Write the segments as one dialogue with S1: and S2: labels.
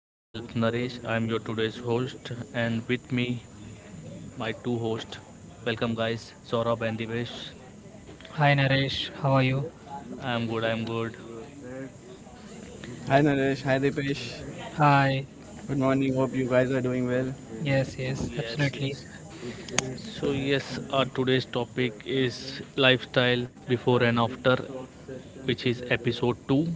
S1: Myself, Naresh, I'm your today's host, and with me, my two hosts. Welcome, guys, Saurabh and Divesh.
S2: Hi Naresh, how are you?
S1: I'm good, I'm good.
S3: Hi Naresh, hi Dipesh.
S2: Hi.
S3: Good morning. Hope you guys are doing well.
S2: Yes, yes,
S1: Yes,
S2: absolutely.
S1: yes. So, yes, our today's topic is lifestyle before and after, which is episode 2.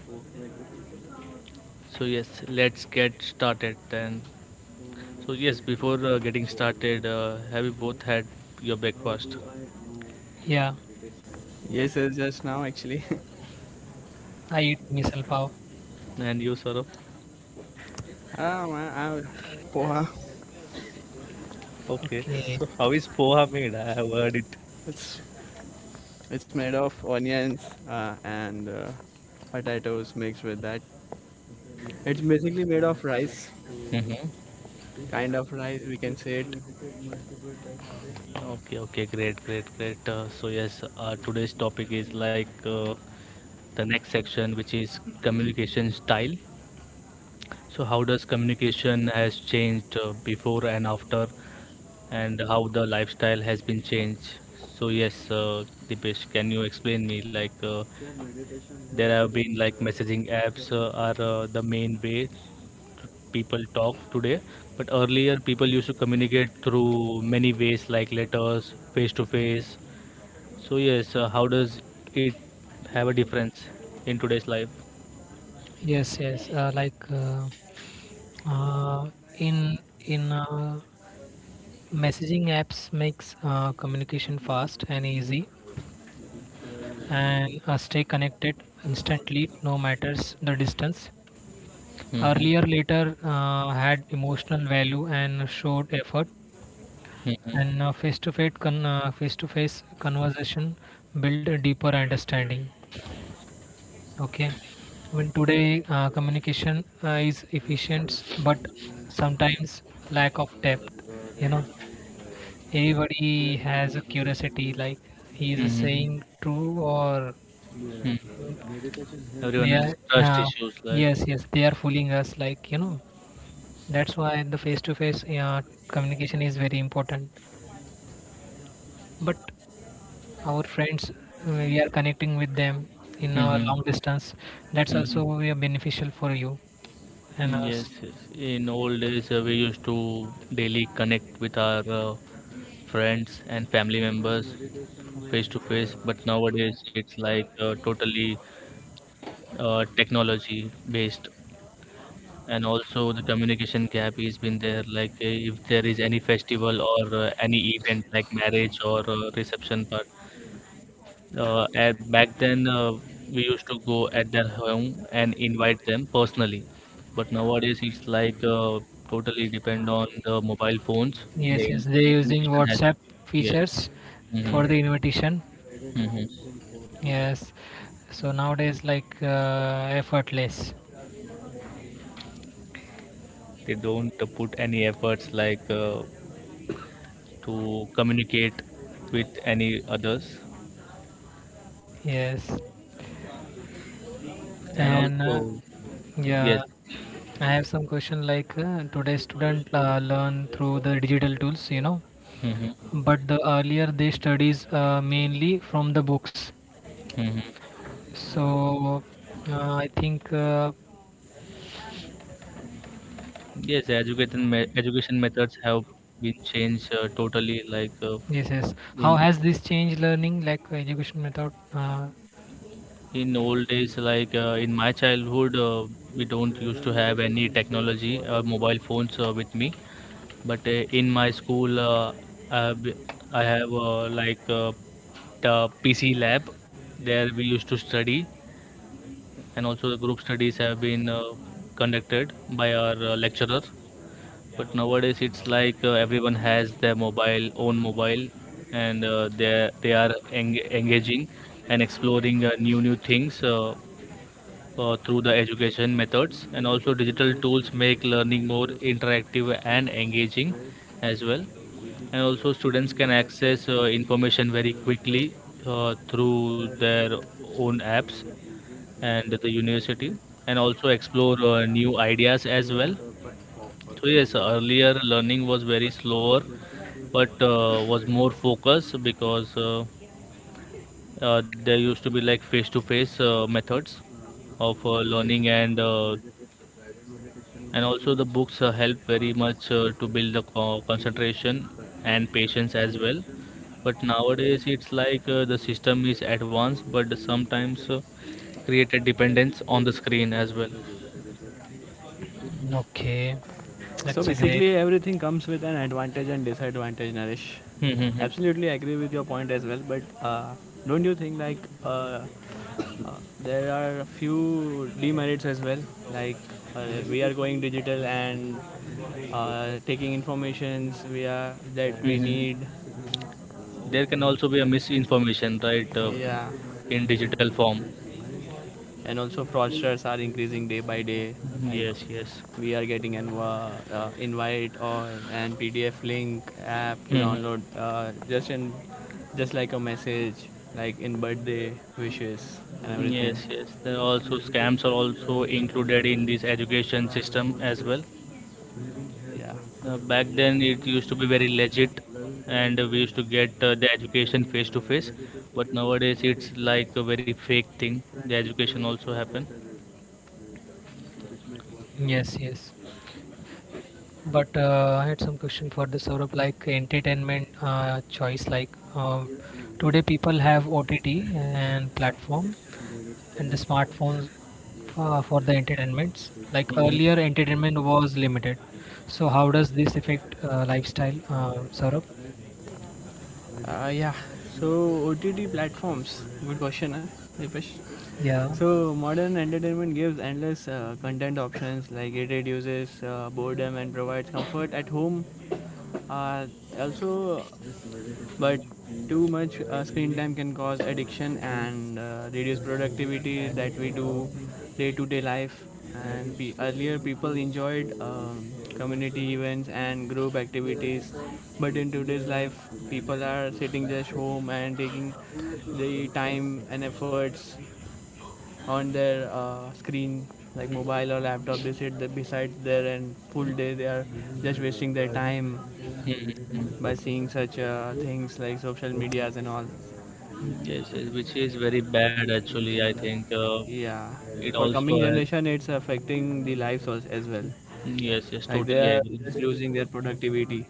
S1: So, yes, let's get started then. So yes, before getting started, have you both had your breakfast?
S2: Yeah,
S3: Yes, it's just now actually.
S2: I eat misal pav.
S1: And you, Saurabh?
S3: ah, man, I, poha.
S1: Okay,
S2: Okay.
S1: so how is poha made? I have heard it.
S3: It's it's made of onions and potatoes mixed with that. It's basically made of rice,
S1: Mm-hmm.
S3: kind of rice we can say it.
S1: Okay, okay, great, great, great. So yes, today's topic is like the next section, which is communication style. So how does communication has changed before and after, and how the lifestyle has been changed? So yes, Dipesh, can you explain me like there have been like messaging apps are the main way people talk today. But earlier, people used to communicate through many ways like letters, face to face. So yes, how does it have a difference in today's life?
S2: Yes, yes. Like uh, in in Messaging apps makes communication fast and easy, and stay connected instantly, no matters the distance.
S1: Mm-hmm.
S2: Earlier, later had emotional value and showed effort. And face-to-face conversation build a deeper understanding. Okay, when today communication is efficient, but sometimes lack of depth. You know, everybody has a curiosity, like he is
S1: Mm-hmm.
S2: saying true or...
S1: mm Everyone has
S2: yeah,
S1: trust
S2: yeah,
S1: issues like.
S2: yes, yes, they are fooling us. Like you know, that's why the face-to-face communication is very important. But our friends, we are connecting with them in our
S1: Mm-hmm.
S2: long distance, that's
S1: Mm-hmm.
S2: also we are beneficial for you and
S1: Yes,
S2: us.
S1: yes. In old days, we used to daily connect with our friends and family members face to face, but nowadays it's like totally technology based, and also the communication gap has been there, like if there is any festival or any event like marriage or reception part at, back then we used to go at their home and invite them personally, but nowadays it's like totally depend on the mobile phones the
S2: Yes, yes, they're using
S1: invitation has been,
S2: WhatsApp
S1: yes.
S2: features
S1: hmm
S2: for the invitation.
S1: hmm
S2: Yes, so nowadays like effortless.
S1: They don't put any efforts like to communicate with any others,
S2: Yes,
S1: and
S2: and
S1: also, yes.
S2: yeah, I have some question like today's student learn through the digital tools, you know,
S1: hmm
S2: but the earlier they studies mainly from the books.
S1: hmm
S2: So I think
S1: yes, education education methods have been changed totally, like
S2: yes, yes. How
S1: in
S2: has this changed learning, like education method?
S1: in old days like in my childhood, we don't used to have any technology or mobile phones with me, but in my school, uh, b- I have like the PC lab, there we used to study, and also the group studies have been conducted by our lecturer, but nowadays it's like everyone has their mobile own mobile, and uh, they are engaging and exploring new new things, through the education methods, and also digital tools make learning more interactive and engaging as well. And also students can access information very quickly through their own apps and the university, and also explore new ideas as well. So yes, earlier learning was very slower, but was more focused because there used to be like face to face methods of learning, and also the books help very much to build the concentration and patience as well. But nowadays it's like the system is advanced, but sometimes create a dependence on the screen as well.
S2: Okay,
S3: So
S2: that's a great.
S3: basically, everything comes with an advantage and disadvantage, Naresh.
S1: Mhm.
S3: Absolutely agree with your point as well, but don't you think there are a few demerits as well? Like we are going digital and taking informations we are that we
S1: Mhm.
S3: need.
S1: There can also be a misinformation, right?
S3: Yeah,
S1: In digital form,
S3: and also fraudsters are increasing day by day, like
S1: yes yes.
S3: we are getting an invite or an pdf link app to
S1: Mhm.
S3: download, just like a message, like in birthday wishes and everything.
S1: Yes, yes, there are also scams are also included in this education system as well.
S3: Yeah.
S1: Back then, it used to be very legit, and we used to get the education face to face. But nowadays, it's like a very fake thing. The education also happen.
S2: Yes, yes. But I had some question for the Saurabh, like entertainment choice. Like um, today, people have OTT and platform and the smartphones for the entertainments. Like
S1: Hmm
S2: earlier, entertainment was limited. So how does this affect lifestyle, Saurabh?
S3: Uh, yeah so ott platforms, good question, eh? Dipesh?
S2: Yeah.
S3: So modern entertainment gives endless content options. Like it reduces boredom and provides comfort at home. Uh, also, but too much screen time can cause addiction and reduce productivity that we do day to day life. And pe earlier, people enjoyed community events and group activities, but in today's life, people are sitting just home and taking the time and efforts on their screen, like mobile or laptop. They sit there beside there, and full day they are just wasting their time by seeing such things like social medias and all.
S1: Yes, yes, which is very bad actually. I think
S3: Yeah,
S1: it
S3: for
S1: also
S3: coming
S1: has.
S3: generation, it's affecting the lives as well.
S1: Yes, yes,
S3: Like they
S1: totally
S3: are just
S1: agree.
S3: losing their productivity.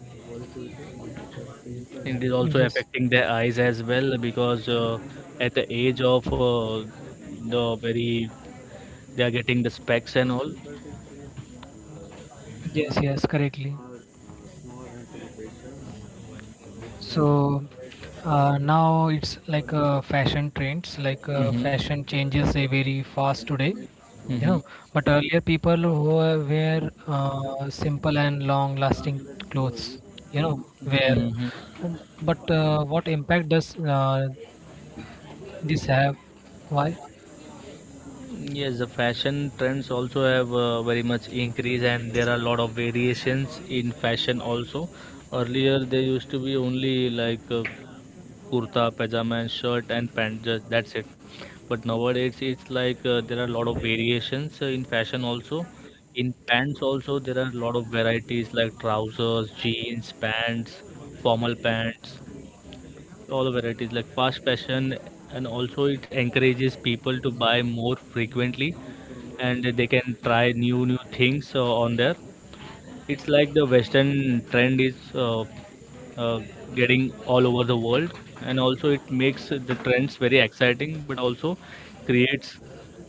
S1: It is also
S2: Yes,
S1: affecting their eyes as well because at the age of the very they are getting the specs and all.
S2: yes, yes, correctly. So now it's like fashion trends, like
S1: Mhm.
S2: fashion changes very fast today, you
S1: Mhm.
S2: know. But earlier people wear simple and long-lasting clothes, you know, wear.
S1: Mhm.
S2: Um, But what impact does this have? Why?
S1: Yes, the fashion trends also have very much increased, and there are a lot of variations in fashion also. Earlier, there used to be only like kurta, pajama, and shirt and pants. Just, that's it. But nowadays, it's like there are a lot of variations in fashion also. In pants also, there are a lot of varieties like trousers, jeans, pants, formal pants. All the varieties like fast fashion, and also it encourages people to buy more frequently, and they can try new new things on there. It's like the western trend is uh, getting all over the world, and also it makes the trends very exciting, but also creates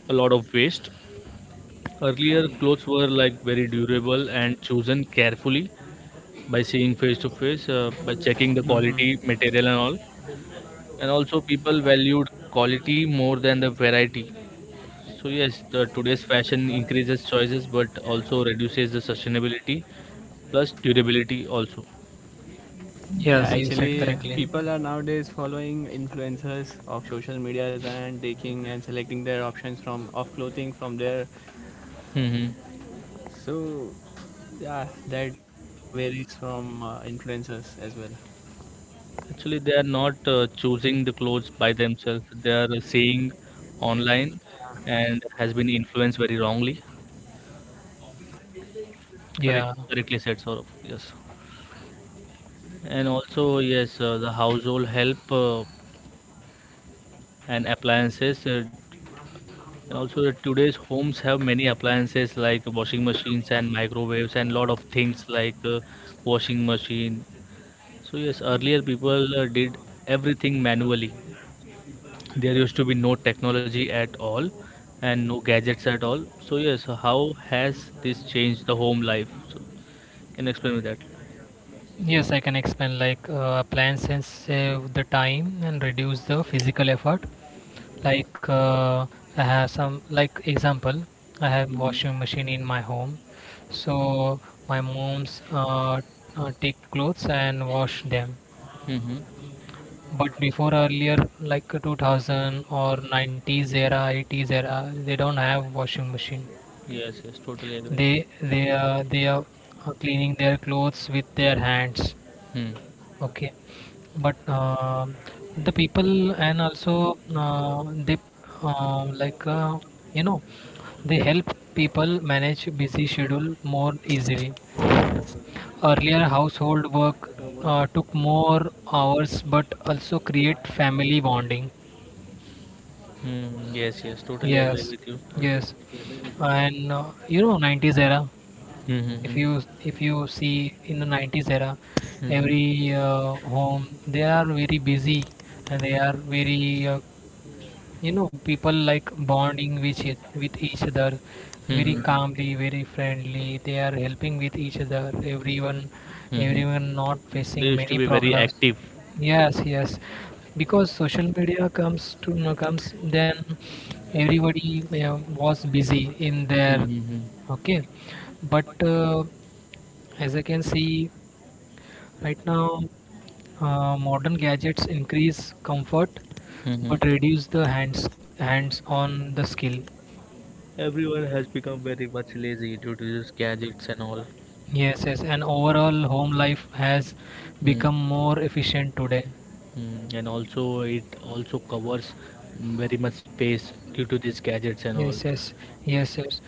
S1: a lot of waste. Earlier clothes were like very durable and chosen carefully by seeing face to face, by checking the quality material and all, and also people valued quality more than the variety. So yes, the today's fashion increases choices, but also reduces the sustainability plus durability also.
S3: Yeah,
S2: Yes, you said
S3: actually,
S2: correctly.
S3: people are nowadays following influencers of social medias and taking and selecting their options from of clothing from there.
S1: Hmm
S3: So yeah, that varies from influencers as well.
S1: Actually they are not choosing the clothes by themselves, they are seeing online, and has been influenced very wrongly. correct
S2: Yeah.
S1: correctly said, Saurabh. Yes, and also yes, the household help and appliances, and also that today's homes have many appliances like washing machines and microwaves and lot of things like washing machine. So yes, earlier people did everything manually. There used to be no technology at all and no gadgets at all. So yes, how has this changed the home life? So can you explain me that?
S2: Yes, I can explain like appliances save the time and reduce the physical effort. Like I have some like example, I have washing machine in my home, so my mom's take clothes and wash them.
S1: Mm-hmm.
S2: But before earlier, like 2000 or 90s era, 80s era, they don't have washing machine.
S1: Yes, yes, totally agree.
S2: They are cleaning their clothes with their hands.
S1: Hmm.
S2: Okay, but the people and also they like you know, they help people manage busy schedule more easily. Earlier, household work took more hours, but also create family bonding.
S1: Hmm. Yes, yes, totally agree
S2: Yes,
S1: with you.
S2: yes, and you know, 90s era.
S1: Hmm.
S2: If
S1: Hmm.
S2: you if you see in the 90s era,
S1: Hmm.
S2: every home they are very busy and they are very you know, people like bonding with with each other
S1: Hmm. Hmm.
S2: very
S1: Hmm.
S2: calmly, very friendly, they are helping with each other. Everyone,
S1: Hmm.
S2: everyone not
S1: They
S2: facing
S1: used to
S2: many
S1: be very
S2: problems.
S1: active.
S2: Yes, yes, because social media comes to no comes then, everybody was busy in their.
S1: Mm-hmm.
S2: Okay, but as I can see right now, modern gadgets increase comfort
S1: Mm-hmm.
S2: but
S1: but
S2: reduce the hands on the skill.
S1: Everyone has become very much lazy due to these gadgets and all.
S2: Yes, yes, and overall home life has
S1: Mm,
S2: become more efficient today.
S1: and also, it also covers very much space due to these gadgets and all.
S2: Yes, yes, yes, yes.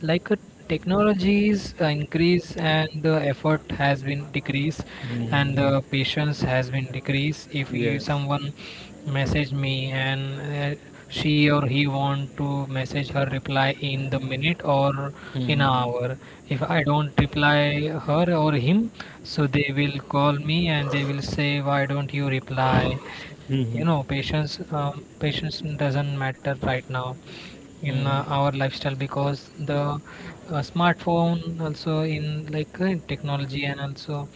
S2: Like technologies increase and the effort has been decreased and
S1: Mm-hmm.
S2: the patience has been decreased. If you,
S1: Yes.
S2: someone message me and she or he want to message her reply in the minute or in an
S1: Mm-hmm.
S2: hour, if I don't reply her or him, so they will call me and they will say, why don't you reply? You
S1: Mhm.
S2: know, patience doesn't matter right now in
S1: Mm-hmm.
S2: our lifestyle, because the smartphone also in like technology and also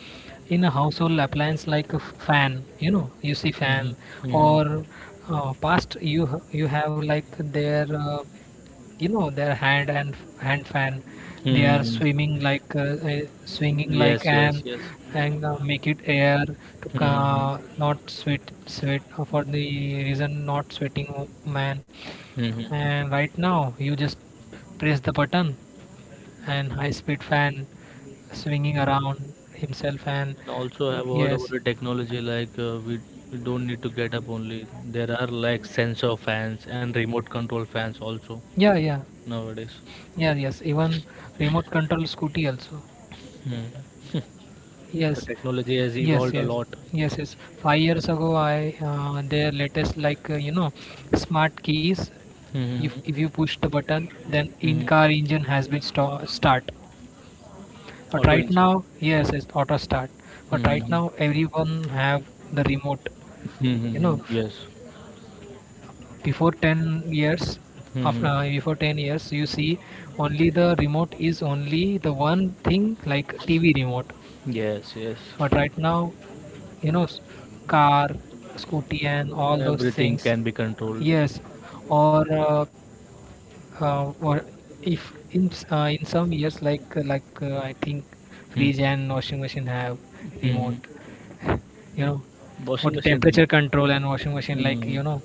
S2: in a household appliance like a fan. You know, you see fan
S1: Mm-hmm.
S2: or you have like their you know, their hand and hand fan, they are
S1: Mm-hmm.
S2: swimming like swinging like
S1: Yes, yes,
S2: an,
S1: yes.
S2: and make it air to not sweat sweat for the reason not man.
S1: Mm-hmm.
S2: And right now, you just press the button, and high speed fan swinging around himself. And
S1: And also, I have heard about
S2: yes,
S1: the technology, like we don't need to get up only. There are like sensor fans and remote control fans also
S2: yeah, yeah,
S1: nowadays.
S2: yeah, yes. Even remote control scooty also.
S1: Hmm. The
S2: Yes,
S1: technology has
S2: yes,
S1: evolved a
S2: yes,
S1: lot.
S2: yes, yes. 5 years ago, I their latest like you know, smart keys.
S1: Hmm
S2: If you push the button, then in
S1: hmm
S2: car engine has been start. But
S1: Auto
S2: right
S1: engine.
S2: now, yes, it's auto start.
S1: Hmm
S2: But right
S1: hmm
S2: now, everyone have the remote. You
S1: Hmm.
S2: know,
S1: Yes.
S2: before 10 years,
S1: hmm
S2: after before 10 years, you see only the remote is only the one thing like TV remote.
S1: Yes, yes.
S2: But right now, you know, car, scooty, and all those
S1: Everything
S2: things.
S1: can be controlled.
S2: Yes, or uh, or if in in some years like I think
S1: Hmm.
S2: fridge and washing machine have
S1: hmm hmm.
S2: remote, you know, for
S1: Washing
S2: the
S1: machine
S2: temperature
S1: remote.
S2: control and washing machine like
S1: Hmm
S2: you know,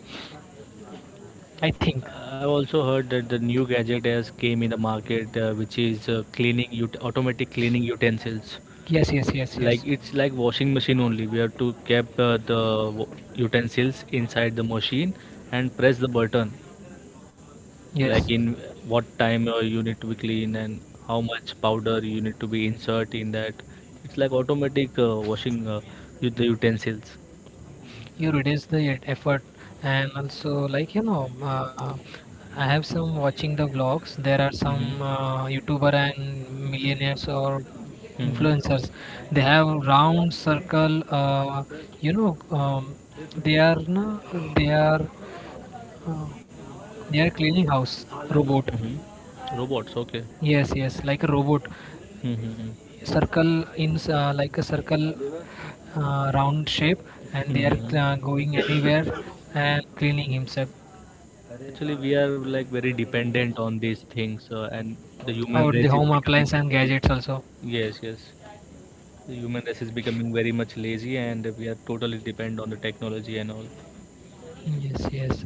S2: I think.
S1: I also heard that the new gadget has came in the market, which is cleaning automatic cleaning utensils.
S2: Yes, yes, yes, yes,
S1: Like it's like washing machine only. We have to keep the utensils inside the machine and press the button. Like
S2: yes.
S1: in what time you need to be clean and how much powder you need to be insert in that. It's like automatic washing, the utensils.
S2: You reduce the effort. And also like you know I have some watching the vlogs, there are some
S1: Mm-hmm.
S2: youtuber and millionaires or
S1: Mm-hmm.
S2: influencers, they have round circle you know they are no, uh, they are cleaning house robot.
S1: Mm-hmm. Robots, okay.
S2: Yes, yes, like a robot
S1: Mm-hmm.
S2: circle in like a circle round shape, and they are
S1: Mm-hmm.
S2: going anywhere and cleaning himself
S1: Actually, we are like very dependent on these things, and the human
S2: out the
S1: race is
S2: home
S1: becoming.
S2: appliance and gadgets also.
S1: Yes, yes. The human race is becoming very much lazy, and we are totally dependent on the technology and all.
S2: Yes, yes,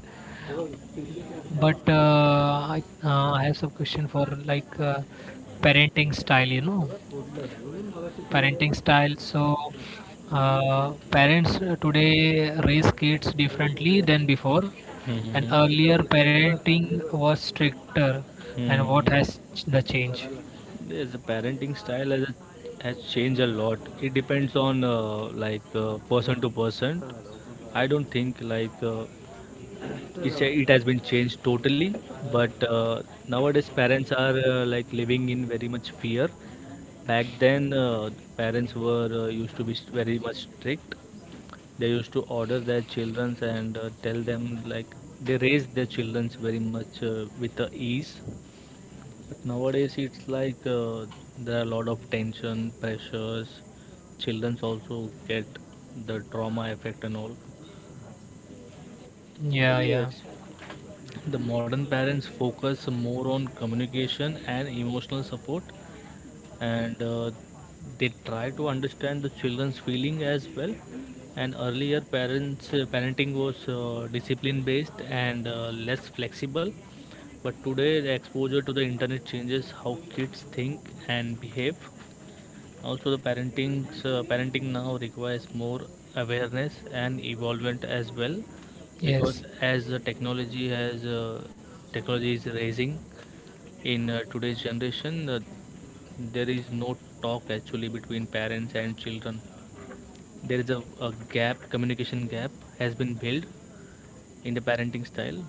S2: but I have some question for like parenting style, you know, parenting style. So parents today raise kids differently than before, and earlier
S1: Mm-hmm.
S2: parenting was stricter, and
S1: Mm-hmm.
S2: what has the change.
S1: Yes, the parenting style has changed a lot. It depends on like person to person. I don't think like uh, it has been changed totally, but nowadays parents are like living in very much fear. Back then, parents were used to be very much strict. They used to order their children and tell them like they raised their children very much with the ease, but nowadays it's like there are a lot of tension, pressures. Childrens also get the trauma effect and all.
S2: Yeah, yeah.
S1: The modern parents focus more on communication and emotional support, and they try to understand the children's feeling as well. And earlier, parents parenting was discipline based and less flexible. But today, the exposure to the internet changes how kids think and behave. Also, the parenting now requires more awareness and evolvement as well, because
S2: Yes,
S1: as the technology is raising in today's generation, there is no talk actually between parents and children. There is a gap, communication gap has been built in the parenting style,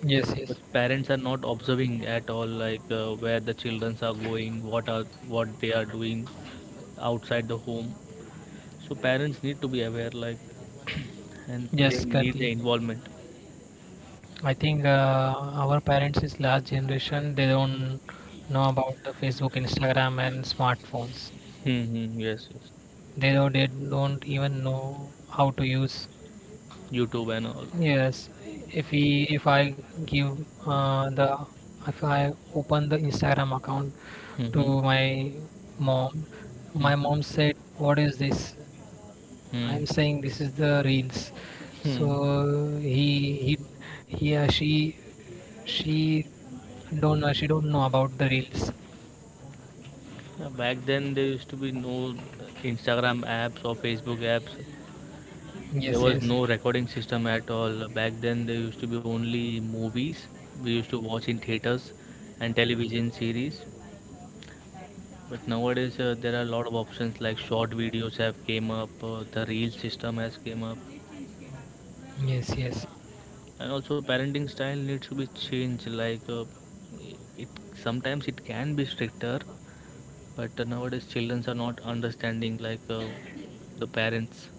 S2: yes, yes.
S1: because parents are not observing at all, like where the children are going, what are what they are doing outside the home. So parents need to be aware, like and they
S2: Yes,
S1: need the
S2: currently.
S1: involvement.
S2: I think our parents is last generation. They don't know about the Facebook, Instagram, and smartphones.
S1: Mm-hmm, yes yes.
S2: They don't even know how to use.
S1: YouTube and all.
S2: Yes, if I give the, if I open the Instagram account
S1: Mm-hmm.
S2: to mom, my
S1: Mm-hmm.
S2: mom said, "What is this?"
S1: hmm
S2: I'm saying this is the reels.
S1: Hmm.
S2: So he she don't know, she don't know about the reels.
S1: Yeah, back then there used to be no Instagram apps or Facebook apps. There
S2: Yes,
S1: was
S2: yes,
S1: no recording system at all. Back then there used to be only movies we used to watch in theaters and television series. But nowadays there are a lot of options, like short videos have came up, the reel system has came up,
S2: yes, yes,
S1: and also parenting style needs to be changed. Like it sometimes it can be stricter, but nowadays children are not understanding like the parents.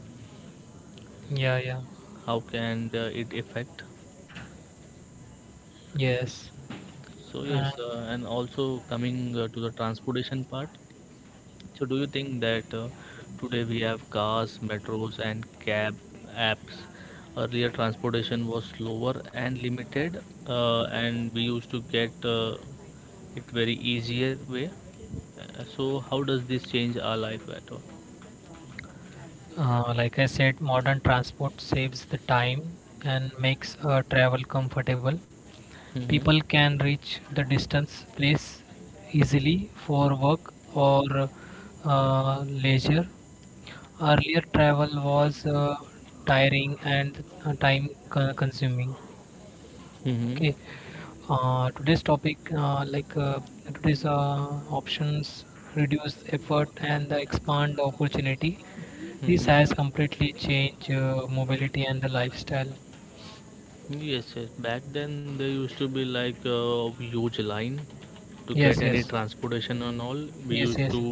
S2: yeah, yeah,
S1: How can it affect?
S2: yes.
S1: So
S2: And
S1: yes, and also coming to the transportation part. So do you think that today we have cars, metros, and cab apps? Earlier transportation was slower and limited, and we used to get it very easier way. So how does this change our life at all?
S2: like I said, modern transport saves the time and makes travel comfortable.
S1: Hmm
S2: People can reach the distance place easily for work or leisure. Earlier travel was tiring and consuming.
S1: hmm
S2: Okay. Today's topic, today's options, reduce effort and expand opportunity. This has completely
S1: hmm
S2: changed mobility and the lifestyle.
S1: Yes, yes. Back then there used to be like a huge line to get
S2: Yes,
S1: Any
S2: yes,
S1: transportation and all. We
S2: yes,
S1: used
S2: yes,
S1: to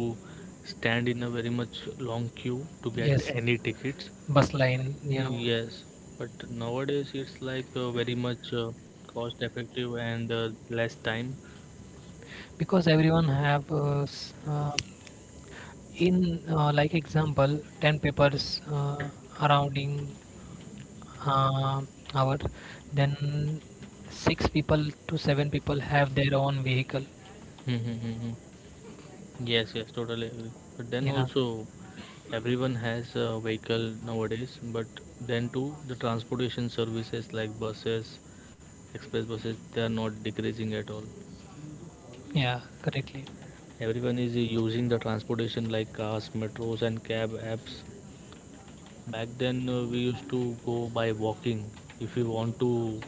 S1: stand in a very much long queue to get
S2: yes.
S1: any tickets.
S2: Bus line, you know.
S1: Yes, but nowadays it's like very much cost effective and less time.
S2: Because everyone have in like example 10 papers surrounding uh, our, then six people to seven people have their own vehicle.
S1: Yes, yes, totally agree. But then
S2: Yeah,
S1: also, everyone has a vehicle nowadays. But then too, the transportation services like buses, express buses, they are not decreasing at all.
S2: yeah, correctly.
S1: Everyone is using the transportation like cars, metros, and cab apps. Back then, we used to go by walking. If you want to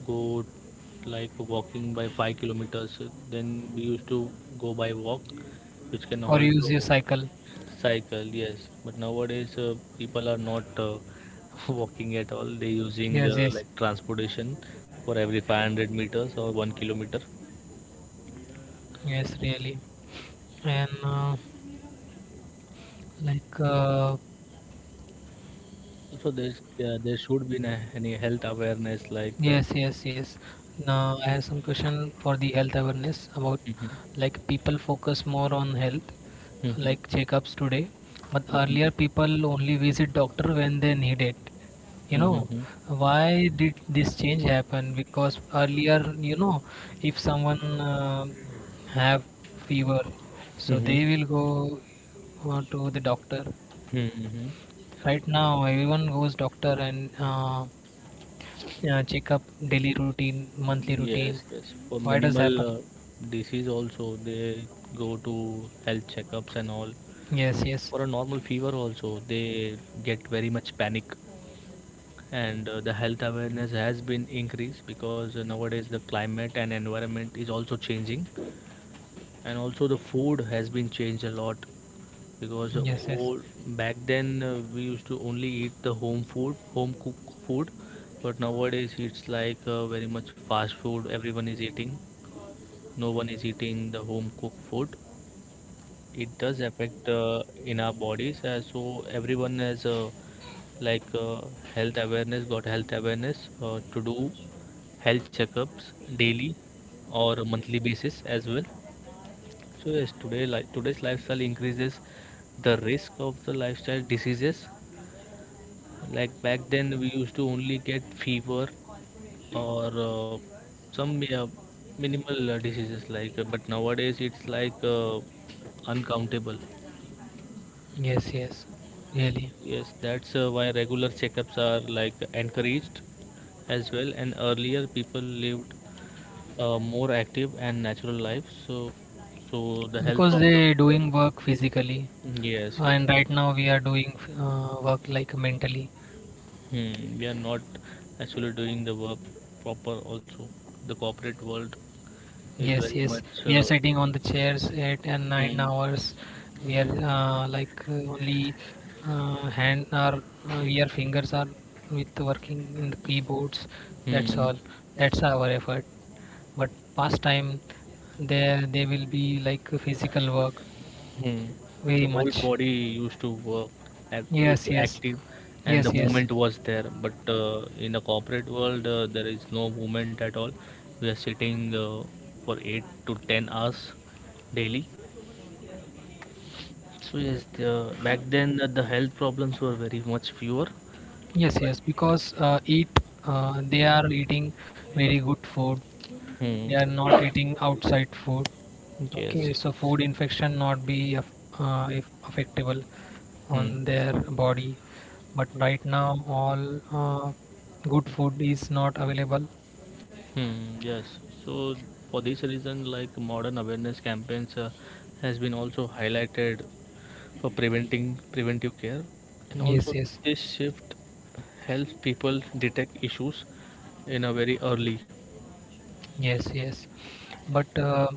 S1: go like walking by 5 kilometers, then we used to go by walk, which can
S2: Or use your
S1: also
S2: cycle.
S1: cycle, yes, but nowadays people are not walking at all. They using
S2: Yes, yes.
S1: like transportation for every 500 meters or 1 kilometer.
S2: Yes, really. And like uh,
S1: So there should be any health awareness like uh,
S2: yes, yes, yes. Now I have some question for the health awareness about,
S1: Mhm,
S2: like people focus more on health
S1: mhm,
S2: like checkups today, but
S1: mhm,
S2: earlier people only visit doctor when they need it. You know,
S1: mhm,
S2: why did this change happen? Because earlier, you know, if someone have fever, so
S1: mhm,
S2: they will go to the doctor.
S1: mhm. mhm.
S2: Right now, everyone goes doctor and check up daily routine, monthly
S1: Yes,
S2: routine.
S1: yes, for
S2: Why does
S1: minimal
S2: happen?
S1: disease also they go to health checkups and all.
S2: Yes, yes,
S1: For a normal fever also they get very much panic, and the health awareness has been increased because nowadays the climate and environment is also changing, and also the food has been changed a lot because
S2: yes, yes,
S1: old, back then we used to only eat the home food, home cooked food, but nowadays it's like very much fast food everyone is eating. No one is eating the home cooked food. It does affect in our bodies. So everyone has like uh, health awareness, got health awareness to do health checkups daily or monthly basis as well. So yes, today, like today's lifestyle increases the risk of the lifestyle diseases, like back then we used to only get fever or some minimal diseases but nowadays it's like uncountable.
S2: yes, yes. Really,
S1: Yes, that's why regular checkups are like encouraged as well. And earlier, people lived a more active and natural life. So, so the health.
S2: because they doing work physically,
S1: Of, yes, yes.
S2: and right now we are doing work like mentally.
S1: Hmm, we are not actually doing the work proper. Also, the corporate world is
S2: Yes,
S1: very
S2: yes.
S1: much.
S2: We are sitting on the chairs eight and nine
S1: Hmm,
S2: hours. We are only hand or your fingers are with working in the keyboards. That's
S1: hmm.
S2: all. That's our effort. But past time, there they will be like physical work
S1: Hmm.
S2: very
S1: The whole
S2: much.
S1: body used to work, act, used
S2: Yes,
S1: to
S2: yes.
S1: active, and the
S2: Yes, yes,
S1: movement was there. But in the corporate world, there is no movement at all. We are sitting for 8 to 10 hours daily. So yes, the, back then the health problems were very much fewer.
S2: yes, yes. Because they are eating very good food.
S1: Hmm.
S2: They are not eating outside food. Okay,
S1: Yes, yes.
S2: so food infection not be if affectable on
S1: Hmm.
S2: their body. But right now all uh, good food is not available.
S1: Hmm, yes. So for this reason, like modern awareness campaigns has been also highlighted for preventing preventive care, and
S2: Yes,
S1: also
S2: yes,
S1: this shift helps people detect issues in a very early.
S2: yes, yes, but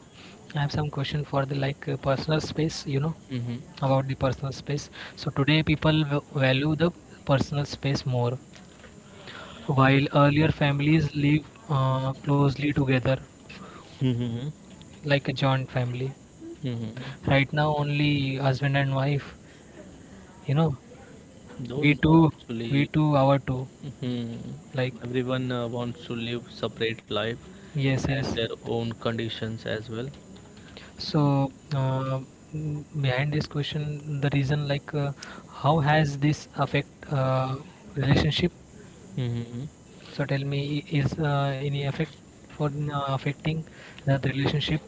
S2: I have some question for the like personal space, you know,
S1: Mm-hmm.
S2: about the personal space. So today people value the personal space more, while earlier families live closely together
S1: Mm-hmm.
S2: like a joint family. Right
S1: Mm-hmm.
S2: now, only husband and wife. You know, we
S1: Don't know
S2: two, we
S1: actually.
S2: two, our two.
S1: Mm-hmm.
S2: Like,
S1: Everyone wants to live separate life
S2: yes,
S1: and
S2: yes.
S1: their own conditions as well.
S2: So behind this question, the reason like how has this affect relationship?
S1: Mm-hmm.
S2: So tell me, is any effect for affecting that relationship?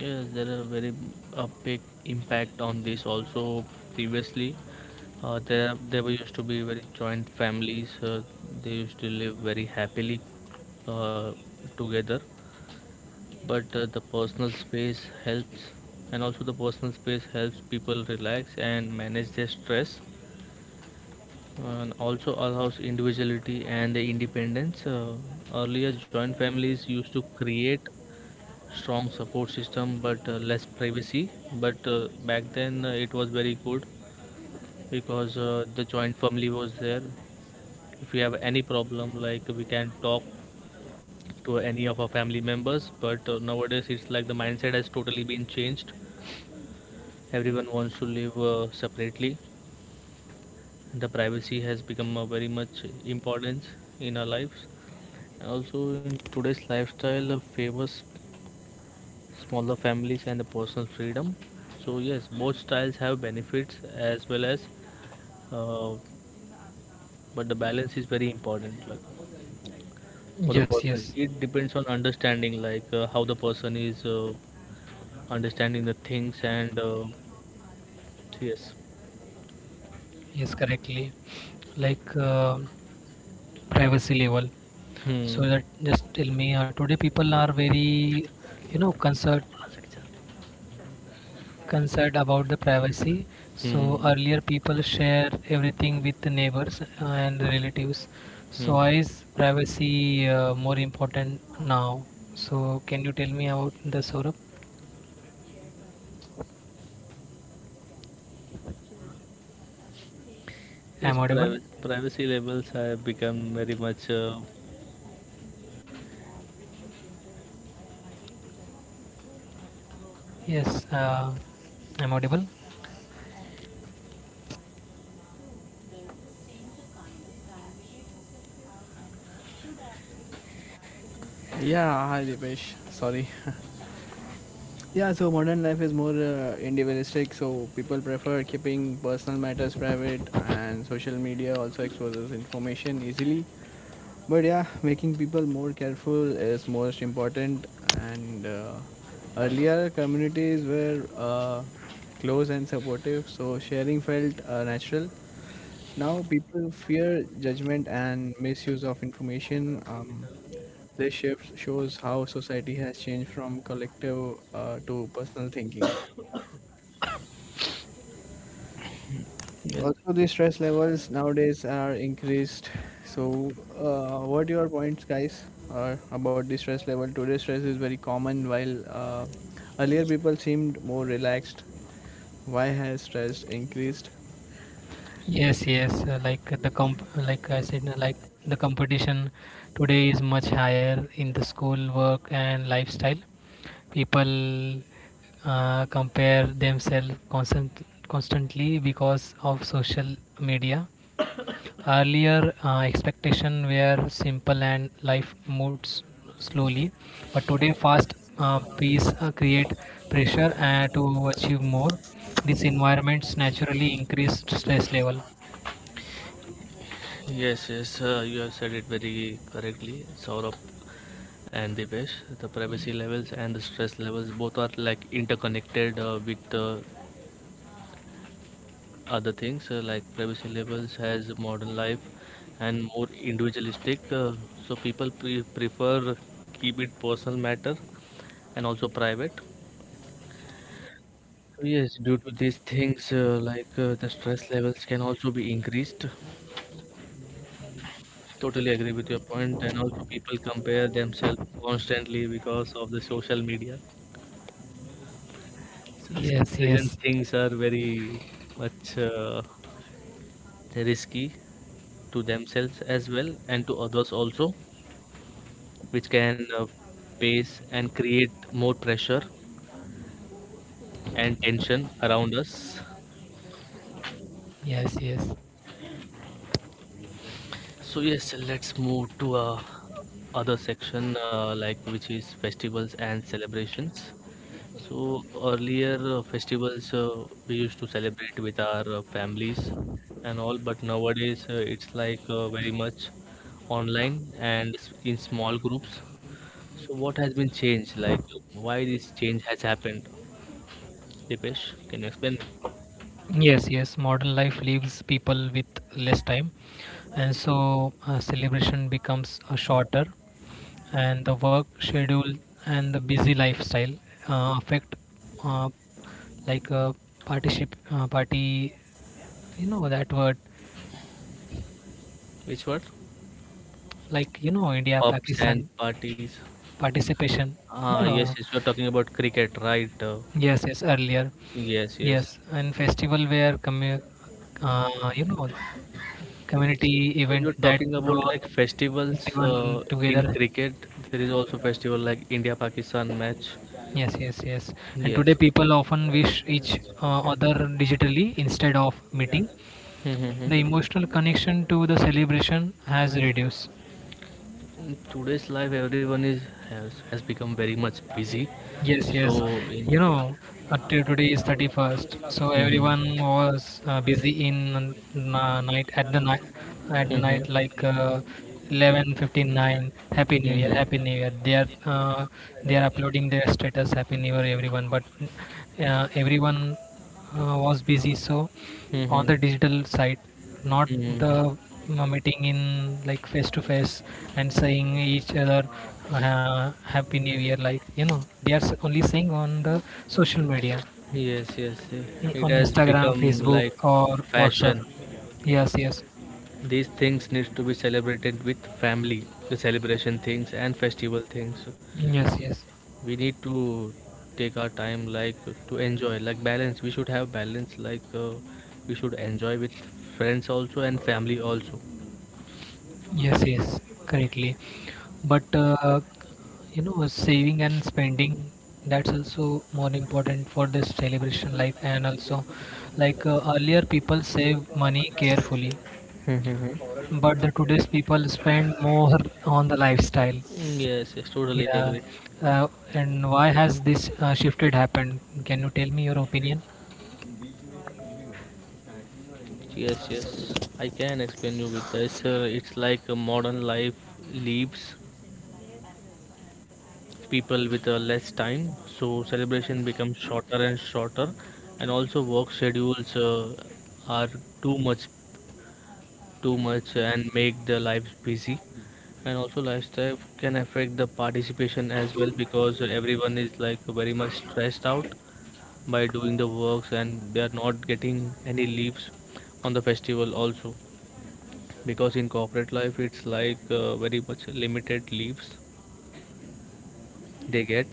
S1: Yes, there are very a big impact on this also previously. There were used to be very joint families. They used to live very happily uh, together. But the personal space helps, and also the personal space helps people relax and manage their stress, and also allows individuality and the independence. Earlier, joint families used to create strong support system but less privacy, but back then it was very good because the joint family was there. If we have any problem, like we can talk to any of our family members, but nowadays it's like the mindset has totally been changed. Everyone wants to live separately. The privacy has become a very much importance in our lives, and also in today's lifestyle favors smaller families and the personal freedom. So yes, both styles have benefits as well as, uh, but the balance is very important. Like for the
S2: Yes,
S1: person,
S2: yes,
S1: it depends on understanding, like how the person is understanding the things and yes.
S2: yes, correctly. Like privacy level. So
S1: Hmm.
S2: that just tell me, today people are very, you know, concerned about the privacy. So
S1: Hmm.
S2: earlier people share everything with the neighbors and relatives. So
S1: Hmm.
S2: why is privacy more important now? So can you tell me about the Saurabh? I'm
S1: Yes,
S2: audible.
S1: privacy levels have become very much.
S2: Yes, I'm audible.
S3: Yeah, hi Dipesh. Sorry. Yeah, so modern life is more individualistic, so people prefer keeping personal matters private, and social media also exposes information easily. But yeah, making people more careful is most important. And earlier, communities were close and supportive, so sharing felt natural. Now, people fear judgment and misuse of information. This shift shows how society has changed from collective to personal thinking. Also, the stress levels nowadays are increased. So, what your points, guys, are about the stress level? Today, stress is very common, while earlier people seemed more relaxed. Why has stress increased?
S2: Yes, yes. Like like I said, like the competition today is much higher in the school work and lifestyle. People compare themselves constantly because of social media. Earlier, expectation were simple and life moves slowly, but today, fast pace create pressure to achieve more. These environments naturally increase stress level.
S1: Yes, yes, you have said it very correctly, Saurabh. And Dipesh. The privacy levels and the stress levels both are like interconnected with other things like privacy levels has modern life and more individualistic. So people prefer keep it personal matter and also private. So yes, due to these things the stress levels can also be increased. Totally agree with your point, and also people compare themselves constantly because of the social media. So these
S2: Yes,
S1: comparison
S2: yes,
S1: things are very much risky to themselves as well and to others also, which can pace and create more pressure and tension around us.
S2: yes, yes,
S1: So yes, let's move to other section like which is festivals and celebrations. So earlier festivals we used to celebrate with our families and all, but nowadays it's like very much online and in small groups. So what has been changed? Like why this change has happened? Dipesh, can you explain?
S2: yes, yes. Modern life leaves people with less time, and so celebration becomes shorter, and the work schedule and the busy lifestyle affect uh, like particip party. You know that word,
S1: Which word?
S2: like you know India
S1: Pubs and
S2: Pakistan
S1: parties.
S2: participation.
S1: Ah,
S2: No, no,
S1: yes,
S2: no.
S1: yes, you're talking about cricket, right?
S2: Yes, yes, earlier.
S1: Yes, yes.
S2: Yes, and festival where commu- you know community
S1: So
S2: event
S1: you're
S2: that
S1: talking about
S2: brought
S1: like festivals
S2: everyone
S1: in
S2: together.
S1: cricket. There is also festival like India-Pakistan match.
S2: Yes, yes, yes. And
S1: Yes.
S2: today people often wish each other digitally instead of meeting. The
S1: Hmm.
S2: emotional connection to the celebration has reduced.
S1: In today's life, everyone is, has become very much busy.
S2: Yes, yes.
S1: So, in,
S2: You know, till today is 31st, so
S1: Mhm.
S2: everyone was busy in night at the night at the night
S1: Mhm.
S2: 11:59. Happy New Year, Happy New
S1: Mhm.
S2: Year. They are uploading their status Happy New Year everyone, but everyone was busy, so on the
S1: Mhm.
S2: digital side, not
S1: Mhm.
S2: the meeting in, like, face to face and saying each other happy new year, like you know they are only saying on the social media,
S1: Yes, yes, eh, it
S2: on
S1: has
S2: Instagram,
S1: become
S2: Facebook
S1: like
S2: or WhatsApp.
S1: fashion.
S2: Yes, yes,
S1: These things need to be celebrated with family, the celebration things and festival things. So,
S2: yes, yes.
S1: we need to take our time, like to enjoy, like balance. We should have balance, like we should enjoy with friends also and family also.
S2: Yes, yes, correctly. But you know, saving and spending, that's also more important for this celebration life. And also, earlier, people save money carefully,
S1: Mm,
S2: but the today's people spend more on the lifestyle.
S1: yes, yes, totally
S2: Yeah,
S1: agree.
S2: uh, and why has this shifted happened? Can you tell me your opinion?
S1: Yes, yes, I can explain you with this. It's like a modern life leaves people with less time, so celebration becomes shorter and shorter, and also work schedules are too much, too much, and make the lives busy. And also lifestyle can affect the participation as well because everyone is like very much stressed out by doing the works, and they are not getting any leaves on the festival also because in corporate life it's like very much limited leaves they get.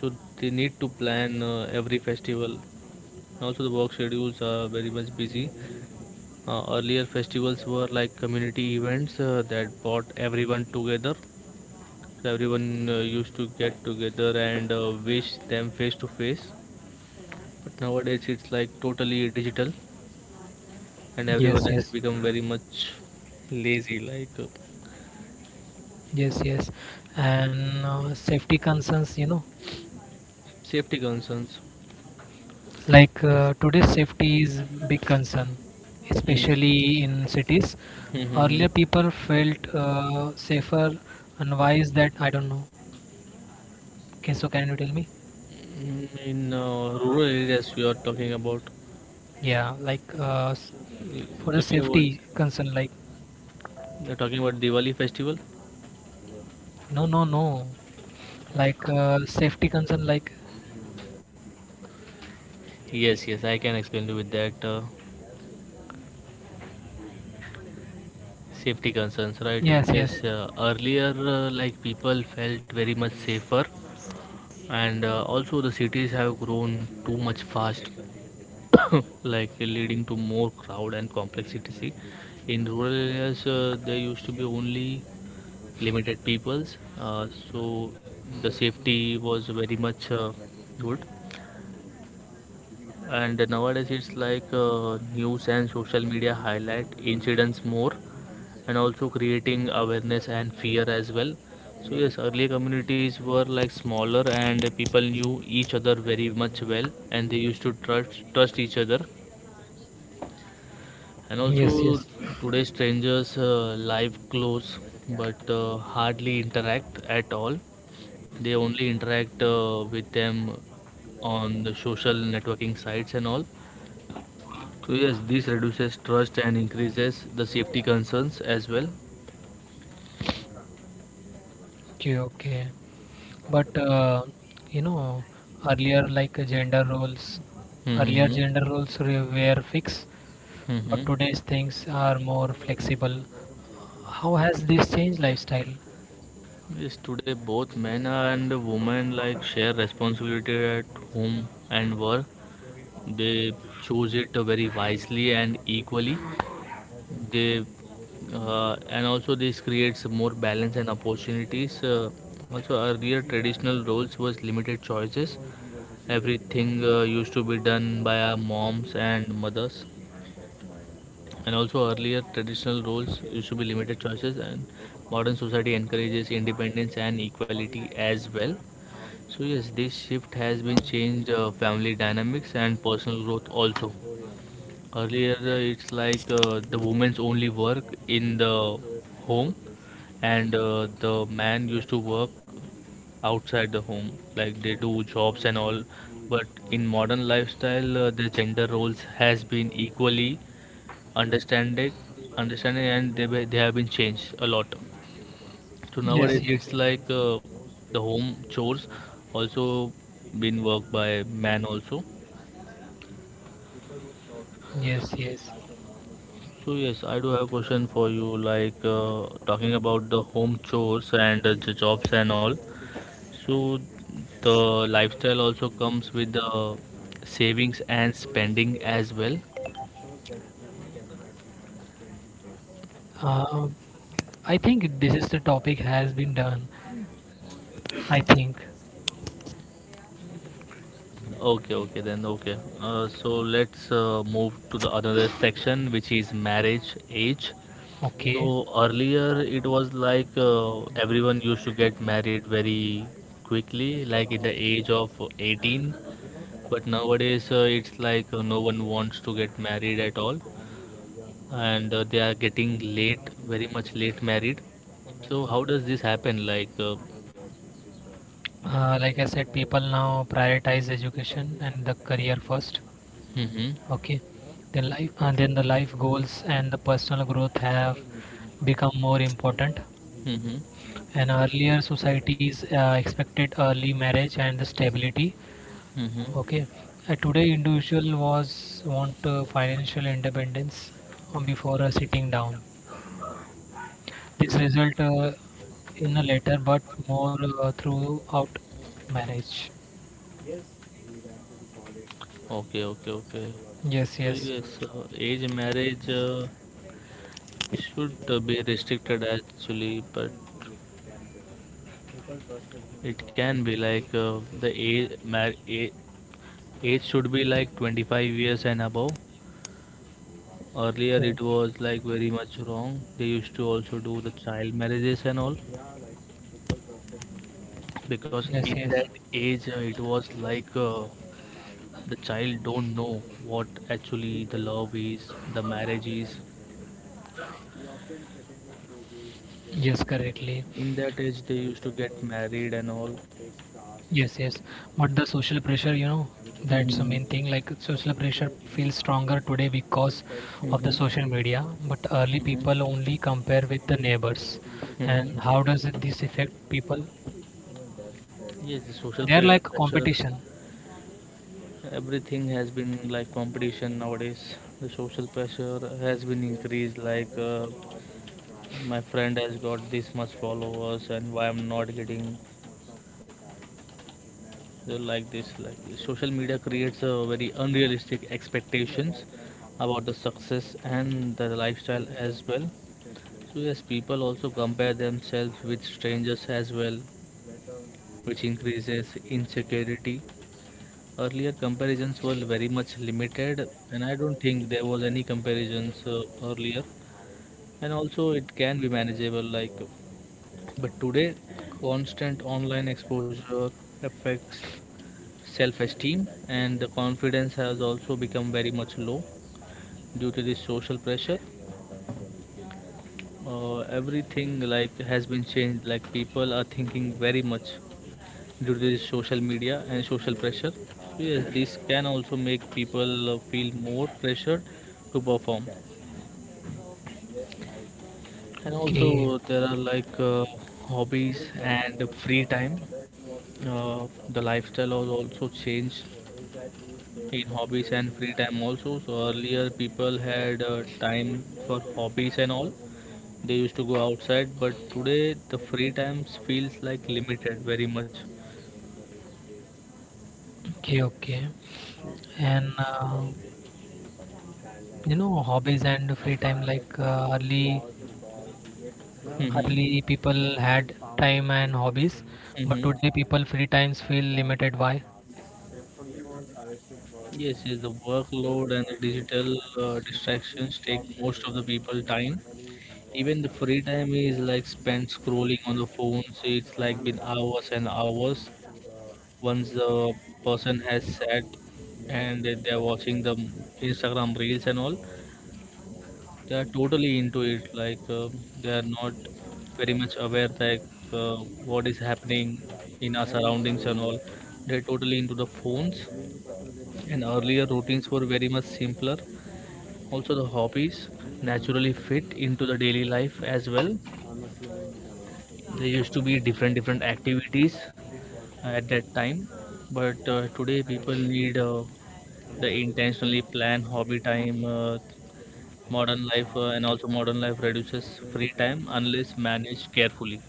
S1: So they need to plan every festival. Also the work schedules are very much busy. Earlier festivals were like community events that brought everyone together, so everyone used to get together and wish them face to face, but nowadays it's like totally digital and everyone
S2: Yes,
S1: has
S2: yes,
S1: become very much lazy, like
S2: yes, yes. And safety concerns, you know.
S1: safety concerns.
S2: Like today's safety is big concern,
S1: Hmm.
S2: especially in cities.
S1: Hmm, hmm, hmm.
S2: Earlier, people felt safer, and why is that? I don't know. Okay, so can you tell me?
S1: Mm, in rural areas, we are talking about,
S2: Yeah, like for the
S1: talking about,
S2: safety concern, like
S1: you're talking about Diwali festival.
S2: no, no, no, like safety concern, like
S1: Yes, yes, I can explain you with that safety concerns, right?
S2: yes,
S1: Yes,
S2: yes,
S1: earlier like people felt very much safer, and also the cities have grown too much fast. Like leading to more crowd and complexity. In rural areas, there used to be only limited peoples, so the safety was very much good. And nowadays, it's like news and social media highlight incidents more, and also creating awareness and fear as well. So yes, earlier communities were like smaller, and people knew each other very much well, and they used to trust each other. And
S2: yes,
S1: also,
S2: yes.
S1: today strangers live close but hardly interact at all. They only interact with them on the social networking sites and all. So, yes, this reduces trust and increases the safety concerns as well.
S2: Okay, okay. But you know, earlier like gender roles, earlier
S1: Mm-hmm.
S2: gender roles re- were fixed, but
S1: Mm-hmm.
S2: today's things are more flexible. How has this changed lifestyle?
S1: Yes, today both men and women like share responsibility at home and work. They choose it very wisely and equally. They and also this creates more balance and opportunities. Also earlier traditional roles was limited choices, everything used to be done by our moms and mothers, and also earlier traditional roles used to be limited choices, and modern society encourages independence and equality as well. So yes, this shift has been changed family dynamics and personal growth also. Earlier, it's like the women's only work in the home, and the man used to work outside the home, like they do jobs and all. But in modern lifestyle, the gender roles has been equally understanding, understanding, and they they have been changed a lot. So
S2: Yes,
S1: nowadays,
S2: yes,
S1: it's like the home chores also been worked by man also.
S2: yes, yes.
S1: So yes, I do have a question for you, like talking about the home chores and the jobs and all. So the lifestyle also comes with the savings and spending as well.
S2: Uh, I think this is the topic has been done. I think
S1: Okay, okay, then okay. So let's move to the another section, which is marriage age. So
S2: okay.
S1: earlier it was like everyone used to get married very quickly, like in the age of 18. But nowadays it's like no one wants to get married at all, and they are getting late, very much late married. So how does this happen? Like,
S2: Like I said, people now prioritize education and the career first.
S1: mm-hmm,
S2: Okay, then life, then the life goals and the personal growth have become more important.
S1: mm-hmm,
S2: And earlier, societies expected early marriage and the stability.
S1: mm-hmm.
S2: Okay. Today, individual was want financial independence, before sitting down. This result in a later, but more throughout marriage.
S1: Okay, okay, okay.
S2: Yes,
S1: So
S2: yes.
S1: yes, age marriage should be restricted actually, but it can be like the age should be like 25 years and above. Earlier, it
S2: Okay.
S1: was like very much wrong. They used to also do the child marriages and all because
S2: Yes,
S1: in
S2: yes.
S1: that age, it was like the child don't know what actually the love is, the marriage is.
S2: Yes, correctly.
S1: In that age, they used to get married and all.
S2: Yes, yes. But the social pressure, you know, that's the
S1: hmm
S2: main thing. Like social pressure feels stronger today because of
S1: hmm
S2: the social media. But early people
S1: hmm
S2: only compare with the neighbors. And how
S1: hmm
S2: does it, this affect people?
S1: Yes, the
S2: They're like
S1: pressure,
S2: competition.
S1: everything has been like competition nowadays. The social pressure has been increased, like, my friend has got this much followers and why I'm not getting, like this. Like, social media creates a very unrealistic expectations about the success and the lifestyle as well. So yes, people also compare themselves with strangers as well, which increases insecurity. Earlier comparisons were very much limited, and I don't think there was any comparisons earlier. And also, it can be manageable, like, but today, constant online exposure affects self-esteem, and the confidence has also become very much low due to this social pressure. Everything, like, has been changed. Like, people are thinking very much due to this social media and social pressure. So yes, this can also make people feel more pressure to perform. And
S2: Okay,
S1: also there are, like, hobbies and free time. The lifestyle has also changed in hobbies and free time also. So earlier people had time for hobbies and all. They used to go outside, but today the free times feels like limited very much.
S2: okay, okay. And you know hobbies and free time, like
S1: Mm-hmm.
S2: early people had time and hobbies, but
S1: Mm-hmm.
S2: today people free times feel limited. Why?
S1: Yes, yes, the workload and the digital distractions take most of the people time. Even the free time is like spent scrolling on the phone, so it's like been hours and hours. Once the person has sat and they are watching the Instagram reels and all, they are totally into it, like, they are not very much aware, like, uh, what is happening in our surroundings and all. They're totally into the phones. And earlier routines were very much simpler. Also the hobbies naturally fit into the daily life as well. There used to be different different activities at that time. But today people need the intentionally planned hobby time. Modern life And also modern life reduces free time unless managed carefully.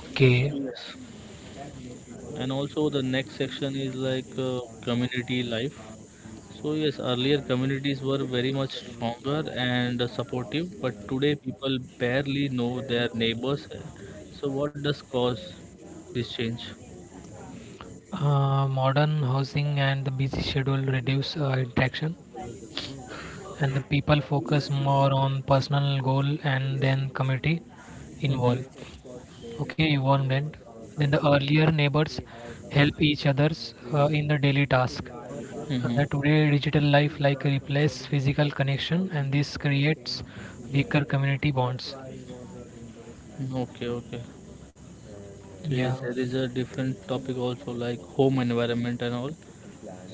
S2: Okay.
S1: Yes. And also the next section is like community life. So yes, earlier communities were very much stronger and supportive, but today people barely know their neighbors. So what does cause this change?
S2: Modern housing and the busy schedule reduce interaction, and the people focus more on personal goal and then community involved.
S1: Mm-hmm.
S2: Okay, involvement. Then the earlier neighbors help each others in the daily task.
S1: Mm-hmm.
S2: Today, digital life like replace physical connection, and this creates weaker community bonds.
S1: Okay, okay. So
S2: Yeah.
S1: yes, there is a different topic also like home environment and all.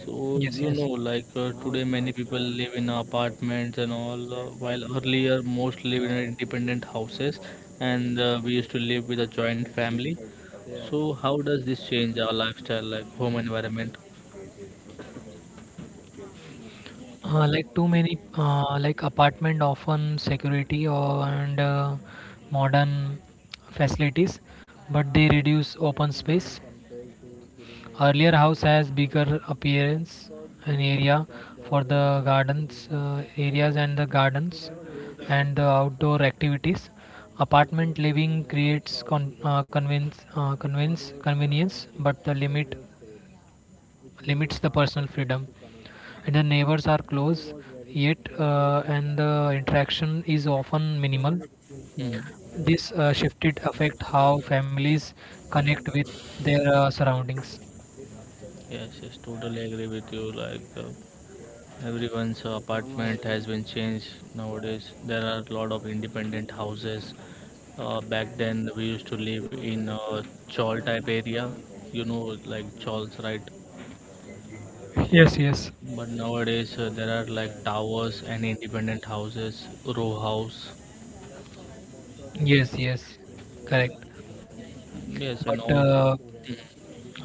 S1: So
S2: Yes.
S1: you know,
S2: Yes.
S1: like, today many people live in apartments and all, while earlier most live in independent houses, and we used to live with a joint family. So how does this change our lifestyle, like home environment?
S2: Like too many like apartment often security or, and modern facilities, but they reduce open space. Earlier house has bigger appearance and area for the gardens and the outdoor activities. Apartment living creates con- convince, convince convenience, but the limits the personal freedom, and the neighbors are close, yet and the interaction is often minimal.
S1: Hmm.
S2: This shifted affect how families connect with their surroundings.
S1: Yes, yes, totally agree with you. Like, everyone's apartment has been changed nowadays. There are a lot of independent houses. Back then, we used to live in a chawl type area, you know, like chawls, right?
S2: Yes, yes,
S1: But nowadays, there are like towers and independent houses, row house.
S2: yes, yes, correct.
S1: Yes, and
S2: But
S1: all.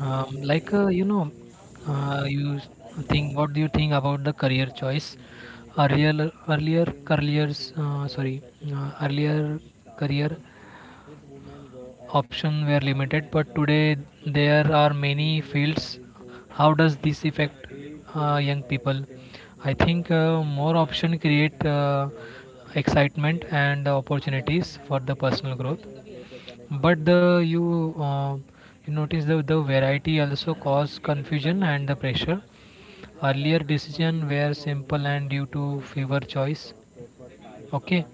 S2: um, you know, uh, you s- think what do you think about the career choice? Earlier earlier careers uh, sorry uh, earlier career options were limited, but today there are many fields. How does this affect young people? I think more options create excitement and opportunities for the personal growth. But the you you notice the variety also cause confusion and the pressure. Earlier decision were simple and due to fewer choice. Okay,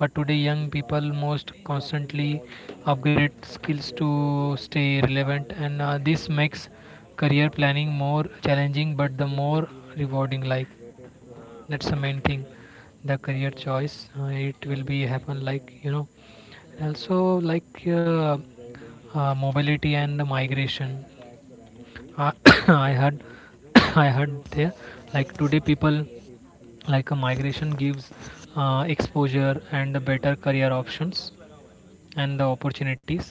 S2: but today, young people most constantly upgrade skills to stay relevant, and this makes career planning more challenging but the more rewarding. Like that's the main thing, the career choice. It will be happen like you know, also like mobility and the migration. Uh, I heard, I heard there like today people like a migration gives exposure and better career options and the opportunities.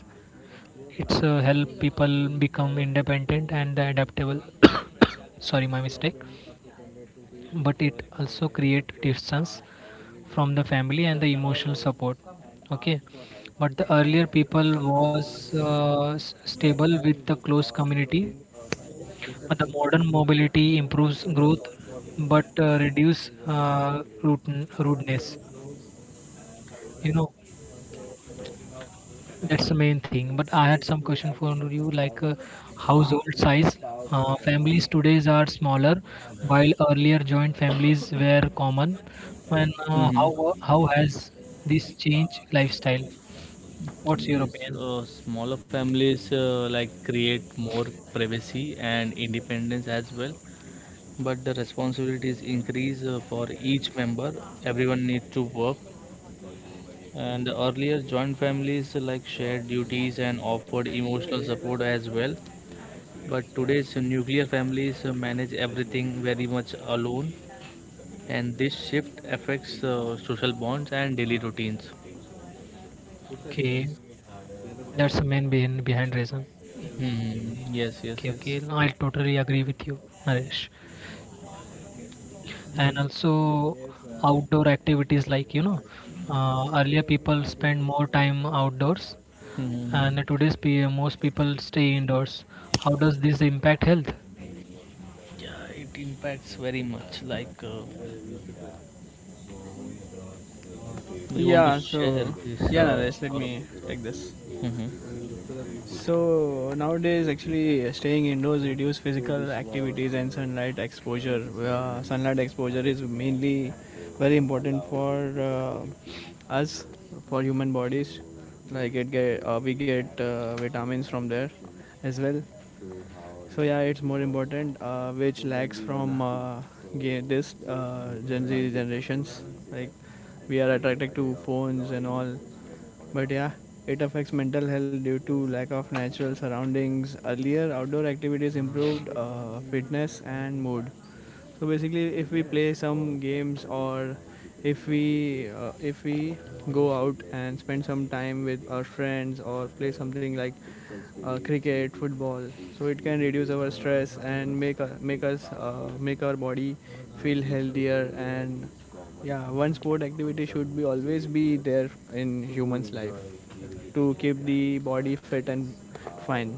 S2: It's help people become independent and adaptable. Sorry, my mistake. But it also create distance from the family and the emotional support. Okay, but the earlier people was stable with the close community. But the modern mobility improves growth, but rudeness. You know, that's the main thing. But I had some question for you, like household size. Families today are smaller, while earlier joint families were common. And uh,
S1: Hmm.
S2: how how has this changed lifestyle? What's your
S1: Yes,
S2: opinion?
S1: smaller families like create more privacy and independence as well, but the responsibilities increase for each member. Everyone needs to work. And earlier joint families like shared duties and offered emotional support as well, but today's nuclear families manage everything very much alone, and this shift affects social bonds and daily routines.
S2: Okay, that's the main behind reason.
S1: Hmm, yes, yes,
S2: Okay,
S1: yes.
S2: okay, I totally agree with you, Naresh. And also outdoor activities, like you know, earlier people spend more time outdoors,
S1: Hmm.
S2: and most people stay indoors. How does this impact health?
S1: Yeah, it impacts very much, like, you want to
S3: Yeah,
S1: share
S3: so
S1: this,
S3: yeah, Naresh, let
S1: Saurabh?
S3: me take this.
S1: Mhm.
S3: So nowadays, actually, staying indoors reduce physical activities and sunlight exposure. Sunlight exposure is mainly very important for us, for human bodies. Like it get, we get vitamins from there as well. So yeah, it's more important, which lacks from this Gen Z generations. Like we are attracted to phones and all, but yeah, it affects mental health due to lack of natural surroundings. Earlier, outdoor activities improved fitness and mood. So basically, if we play some games, or if we go out and spend some time with our friends or play something like cricket, football, so it can reduce our stress and make our body feel healthier. And yeah, one sport activity should be always be there in humans' life to keep the body fit and fine.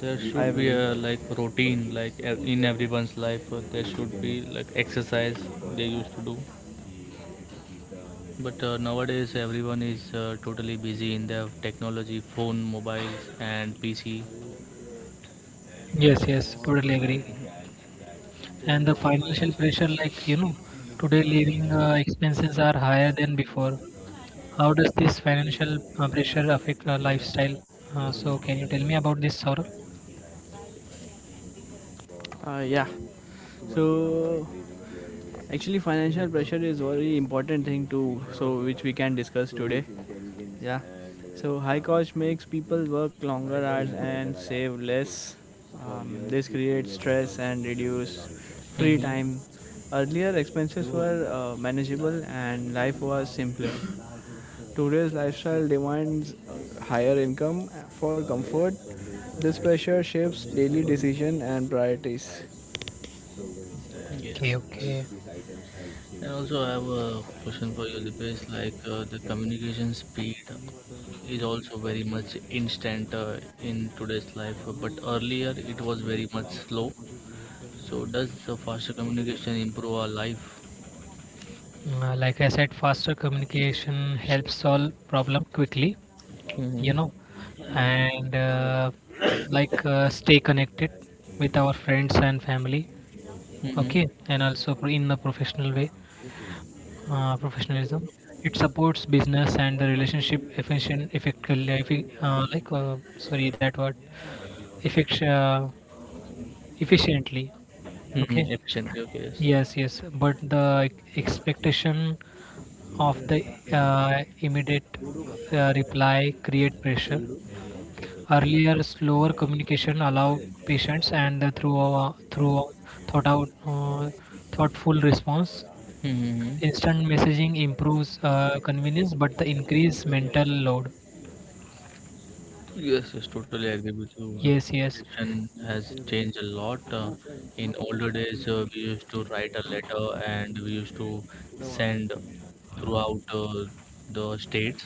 S1: There
S3: I
S1: should be
S3: believe.
S1: a like routine, like, in everyone's life there should be like exercise they used to do. But nowadays everyone is totally busy in their technology, phone, mobiles and PC.
S2: Yes, yes, totally agree. And the financial pressure, like you know, today living expenses are higher than before. How does this financial pressure affect our lifestyle? So can you tell me about this, Saurabh?
S3: Uh, yeah. So actually, financial pressure is very important thing too, so which we can discuss today. Yeah. So high cost makes people work longer hours and save less. This creates stress and reduce free time.
S1: Hmm.
S3: Earlier, expenses were manageable and life was simpler. Today's lifestyle demands higher income for comfort. This pressure shapes daily decision and priorities.
S2: Okay,
S1: Yes.
S2: okay.
S1: And also I have a question for you, Dipesh. Like, the communication speed is also very much instant in today's life, but earlier it was very much slow. So does the faster communication improve our life?
S2: Like I said, faster communication helps solve problem quickly, you
S1: Mm-hmm.
S2: know, and stay connected with our friends and family.
S1: Mm-hmm.
S2: Okay, and also in a professional way, professionalism. It supports business and the relationship effectively. Sorry, that word, effect, uh, efficiently. Okay.
S1: Mm-hmm. Efficiently, okay, yes.
S2: Yes, yes, but the expectation of the immediate reply create pressure. Earlier, slower communication allow patience, and the through through thought out thoughtful response.
S1: Mm-hmm.
S2: Instant messaging improves convenience, but the increase mental load.
S1: Yes, yes, totally agree with you. The
S2: Yes, yes,
S1: communication has changed a lot. In older days, we used to write a letter and we used to send throughout the states.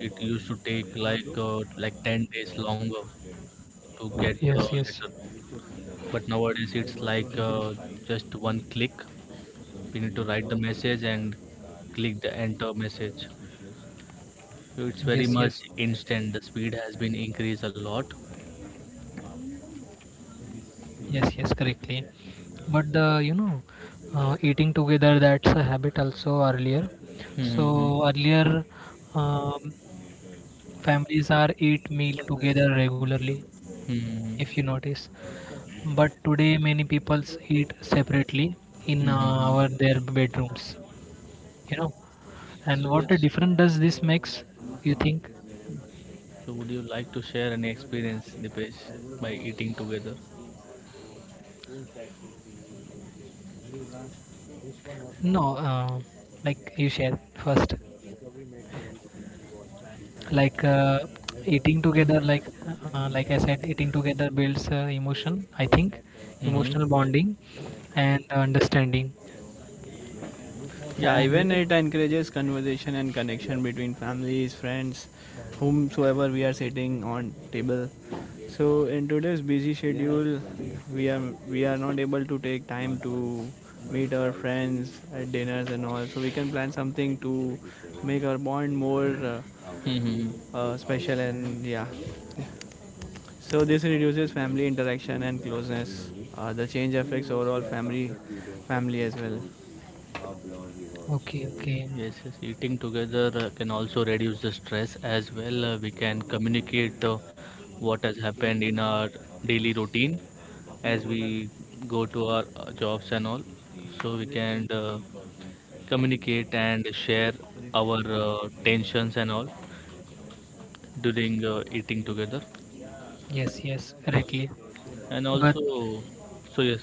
S1: It used to take like 10 days longer to get the
S2: yes, yes,
S1: letter, but nowadays it's like, just one click. We need to write the message and click the enter message. It's very
S2: yes,
S1: much
S2: yes.
S1: instant. The speed has been increased a lot.
S2: Yes, yes, correctly. But the you know, eating together, that's a habit also earlier. So
S1: Mm-hmm.
S2: earlier, um, families are eat meal together regularly, if you
S1: Mm-hmm.
S2: notice. But today many peoples eat separately in
S1: Mm-hmm.
S2: our their bedrooms. You know, and what the difference does this makes? You think?
S1: So, would you like to share any experience, Dipesh, by eating together?
S2: No, like you shared first, like uh, eating together, like I said, eating together builds emotion. I think emotional
S1: Mm-hmm.
S2: bonding and understanding.
S3: Yeah,
S2: And
S3: even it encourages conversation and connection between families, friends, whomsoever we are sitting on table. So in today's busy schedule, we are we are not able to take time to meet our friends at dinners and all. So we can plan something to make our bond more
S1: Mm-hmm.
S3: special, and yeah. So this reduces family interaction and closeness. The change affects overall family as well.
S2: okay, okay,
S1: Yes, yes. Eating together can also reduce the stress as well. We can communicate what has happened in our daily routine as we go to our jobs and all. So we can communicate and share our tensions and all during eating together.
S2: yes, yes, correctly.
S1: And
S2: But
S1: also, so yes.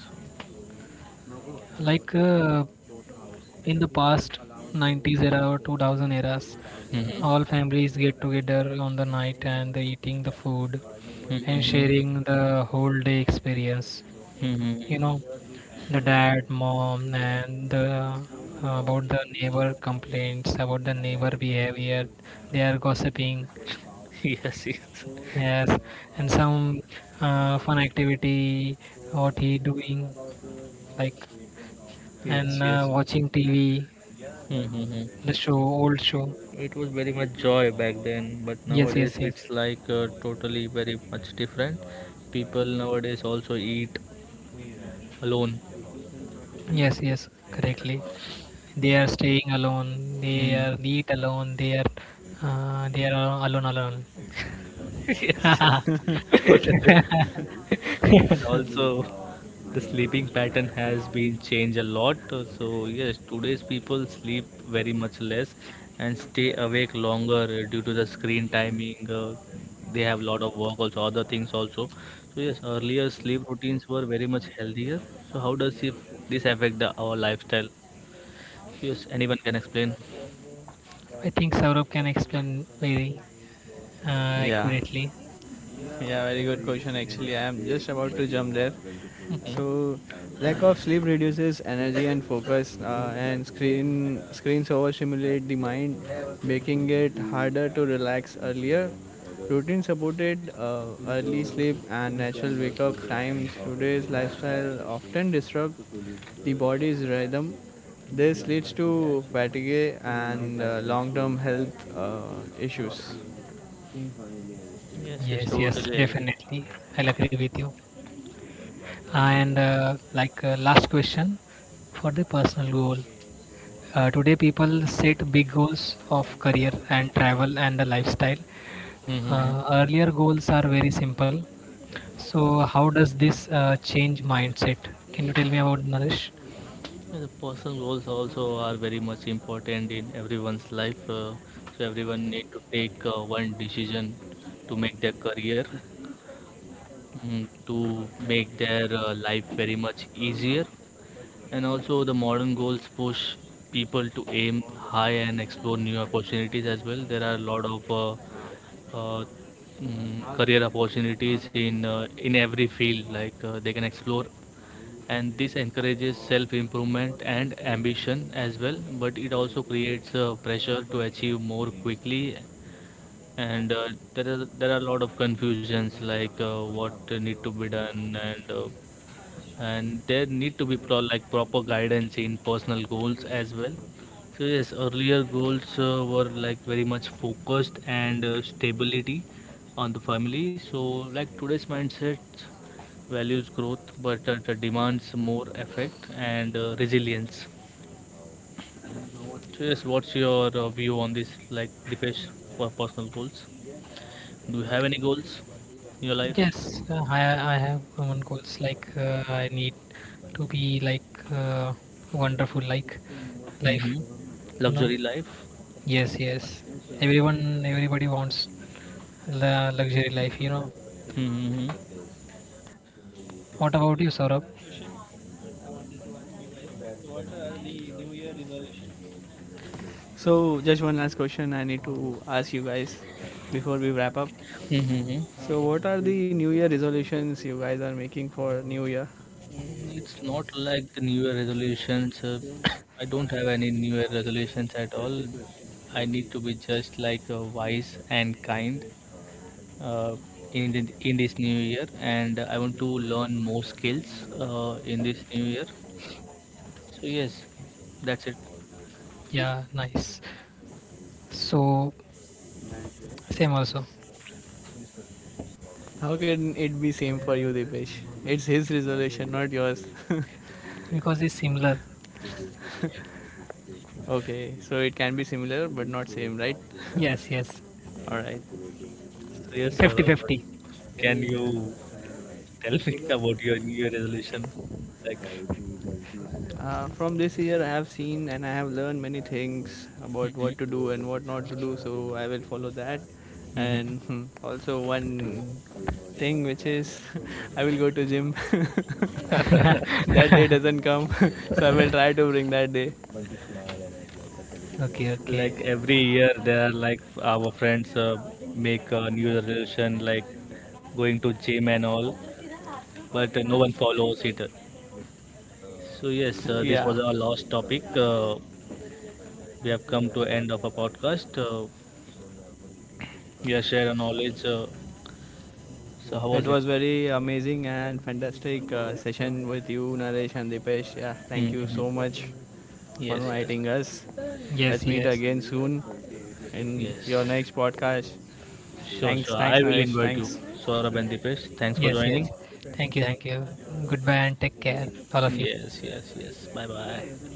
S2: like in the past 90s era or 2000 eras,
S1: Mm-hmm.
S2: all families get together on the night and they eating the food and
S1: Mm-hmm.
S2: sharing the whole day experience, you know,
S1: Mm-hmm.
S2: the dad, mom, and the about the neighbor complaints about the neighbor behavior, they are gossiping.
S1: Yes, yes,
S2: Yes, and some fun activity, what he doing, like,
S1: yes,
S2: and
S1: yes.
S2: watching TV, the
S1: Mm-hmm.
S2: show old show.
S1: It was very much joy back then, but
S2: Yes,
S1: nowadays
S2: yes, yes.
S1: it's like, totally very much different. People nowadays also eat alone.
S2: Yes, yes, correctly. They are staying alone. They
S1: Mm.
S2: are eat alone. They are alone alone.
S1: Yes, yes. Totally. And also, the sleeping pattern has been changed a lot. So yes, today's people sleep very much less and stay awake longer due to the screen timing. They have lot of work also, other things also. So yes, earlier sleep routines were very much healthier. So how does if this affect our lifestyle? So yes, anyone can explain.
S2: I think Saurabh can explain very uh,
S3: Yeah.
S2: accurately.
S3: Yeah, very good question. Actually, I am just about to jump there.
S1: Hmm.
S3: So, lack of sleep reduces energy and focus, and screens overstimulate the mind, making it harder to relax earlier. Routine supported early sleep and natural wake up times. Today's lifestyle often disrupts the body's rhythm. This leads to fatigue and long term health issues.
S1: Yes, yes,
S2: Yes, yes,
S1: totally agree.
S2: definitely. I'll agree with you. And last question for the personal goal. Today, people set big goals of career and travel and the lifestyle.
S1: Hmm.
S2: Earlier goals are very simple. So, how does this change mindset? Can you tell me about, Naresh?
S1: Yeah, the personal goals also are very much important in everyone's life. So everyone need to take one decision to make their career, mm, to make their life very much easier. And also the modern goals push people to aim high and explore new opportunities as well. There are a lot of uh, mm, career opportunities in every field. Like, they can explore. And this encourages self improvement and ambition as well, but it also creates pressure to achieve more quickly. And there are a lot of confusions, like, what need to be done. And and there need to be like proper guidance in personal goals as well. So yes, earlier goals were like very much focused and stability on the family. So like today's mindset values growth, but it demands more effect and resilience. So yes, what's your view on this, like Dipesh, for personal goals? Do you have any goals in your life?
S2: Yes, I have one goals like I need to be like wonderful, like life,
S1: Hmm.
S2: you know.
S1: Luxury life.
S2: Yes, yes. Everyone, everybody wants luxury life, you know.
S1: Mm-hmm.
S2: What about you, Saurabh?
S3: So, just one last question I need to ask you guys before we wrap up.
S1: Mm-hmm.
S3: So, what are the New Year resolutions you guys are making for New Year?
S1: Mm, it's not like the New Year resolutions. I don't have any New Year resolutions at all. I need to be just like wise and kind uh, in the, in this new year, and I want to learn more skills in this new year. So yes, that's it.
S2: Yeah, nice. So, same also
S3: How can it be same for you, Dipesh? It's his resolution, not yours.
S2: because it's similar.
S3: Okay, so it can be similar but not same, right?
S2: Yes, yes.
S3: All right.
S1: So yes,
S3: Yeah.
S1: sir. Robert,
S2: Fifty-fifty.
S1: can you tell me about your New Year resolution? Like,
S3: From this year, I have seen and I have learned many things about
S1: mhm,
S3: what to do and what not to do, so I will follow that.
S1: mhm.
S3: And hmm, also one thing, which is, I will go to gym. That day doesn't come, so I will try to bring that day.
S2: Okay, okay.
S1: Like every year there are like our friends make a new resolution like going to gym and all, but no one follows it. So yes, this
S3: Yeah,
S1: was our last topic. We have come to end of a podcast. Yeah, share a knowledge. So how was
S3: it
S1: it?
S3: was very amazing and fantastic session with you, Naresh and Dipesh. Yeah, thank you so
S1: Mm-hmm.
S3: much for
S1: Yes, yes,
S3: inviting us.
S2: Yes,
S3: Let's meet
S2: yes.
S3: again soon in your
S1: yes.
S3: next podcast.
S1: Sure,
S3: Thanks,
S1: sure, I
S3: thanks,
S1: will
S3: Naresh.
S1: invite you.
S3: Thanks.
S1: Saurabh and Dipesh, thanks for
S2: Yes,
S1: joining.
S2: yes. Thank you, thank you. Goodbye and take care, all of you.
S1: Yes, yes, yes, bye bye.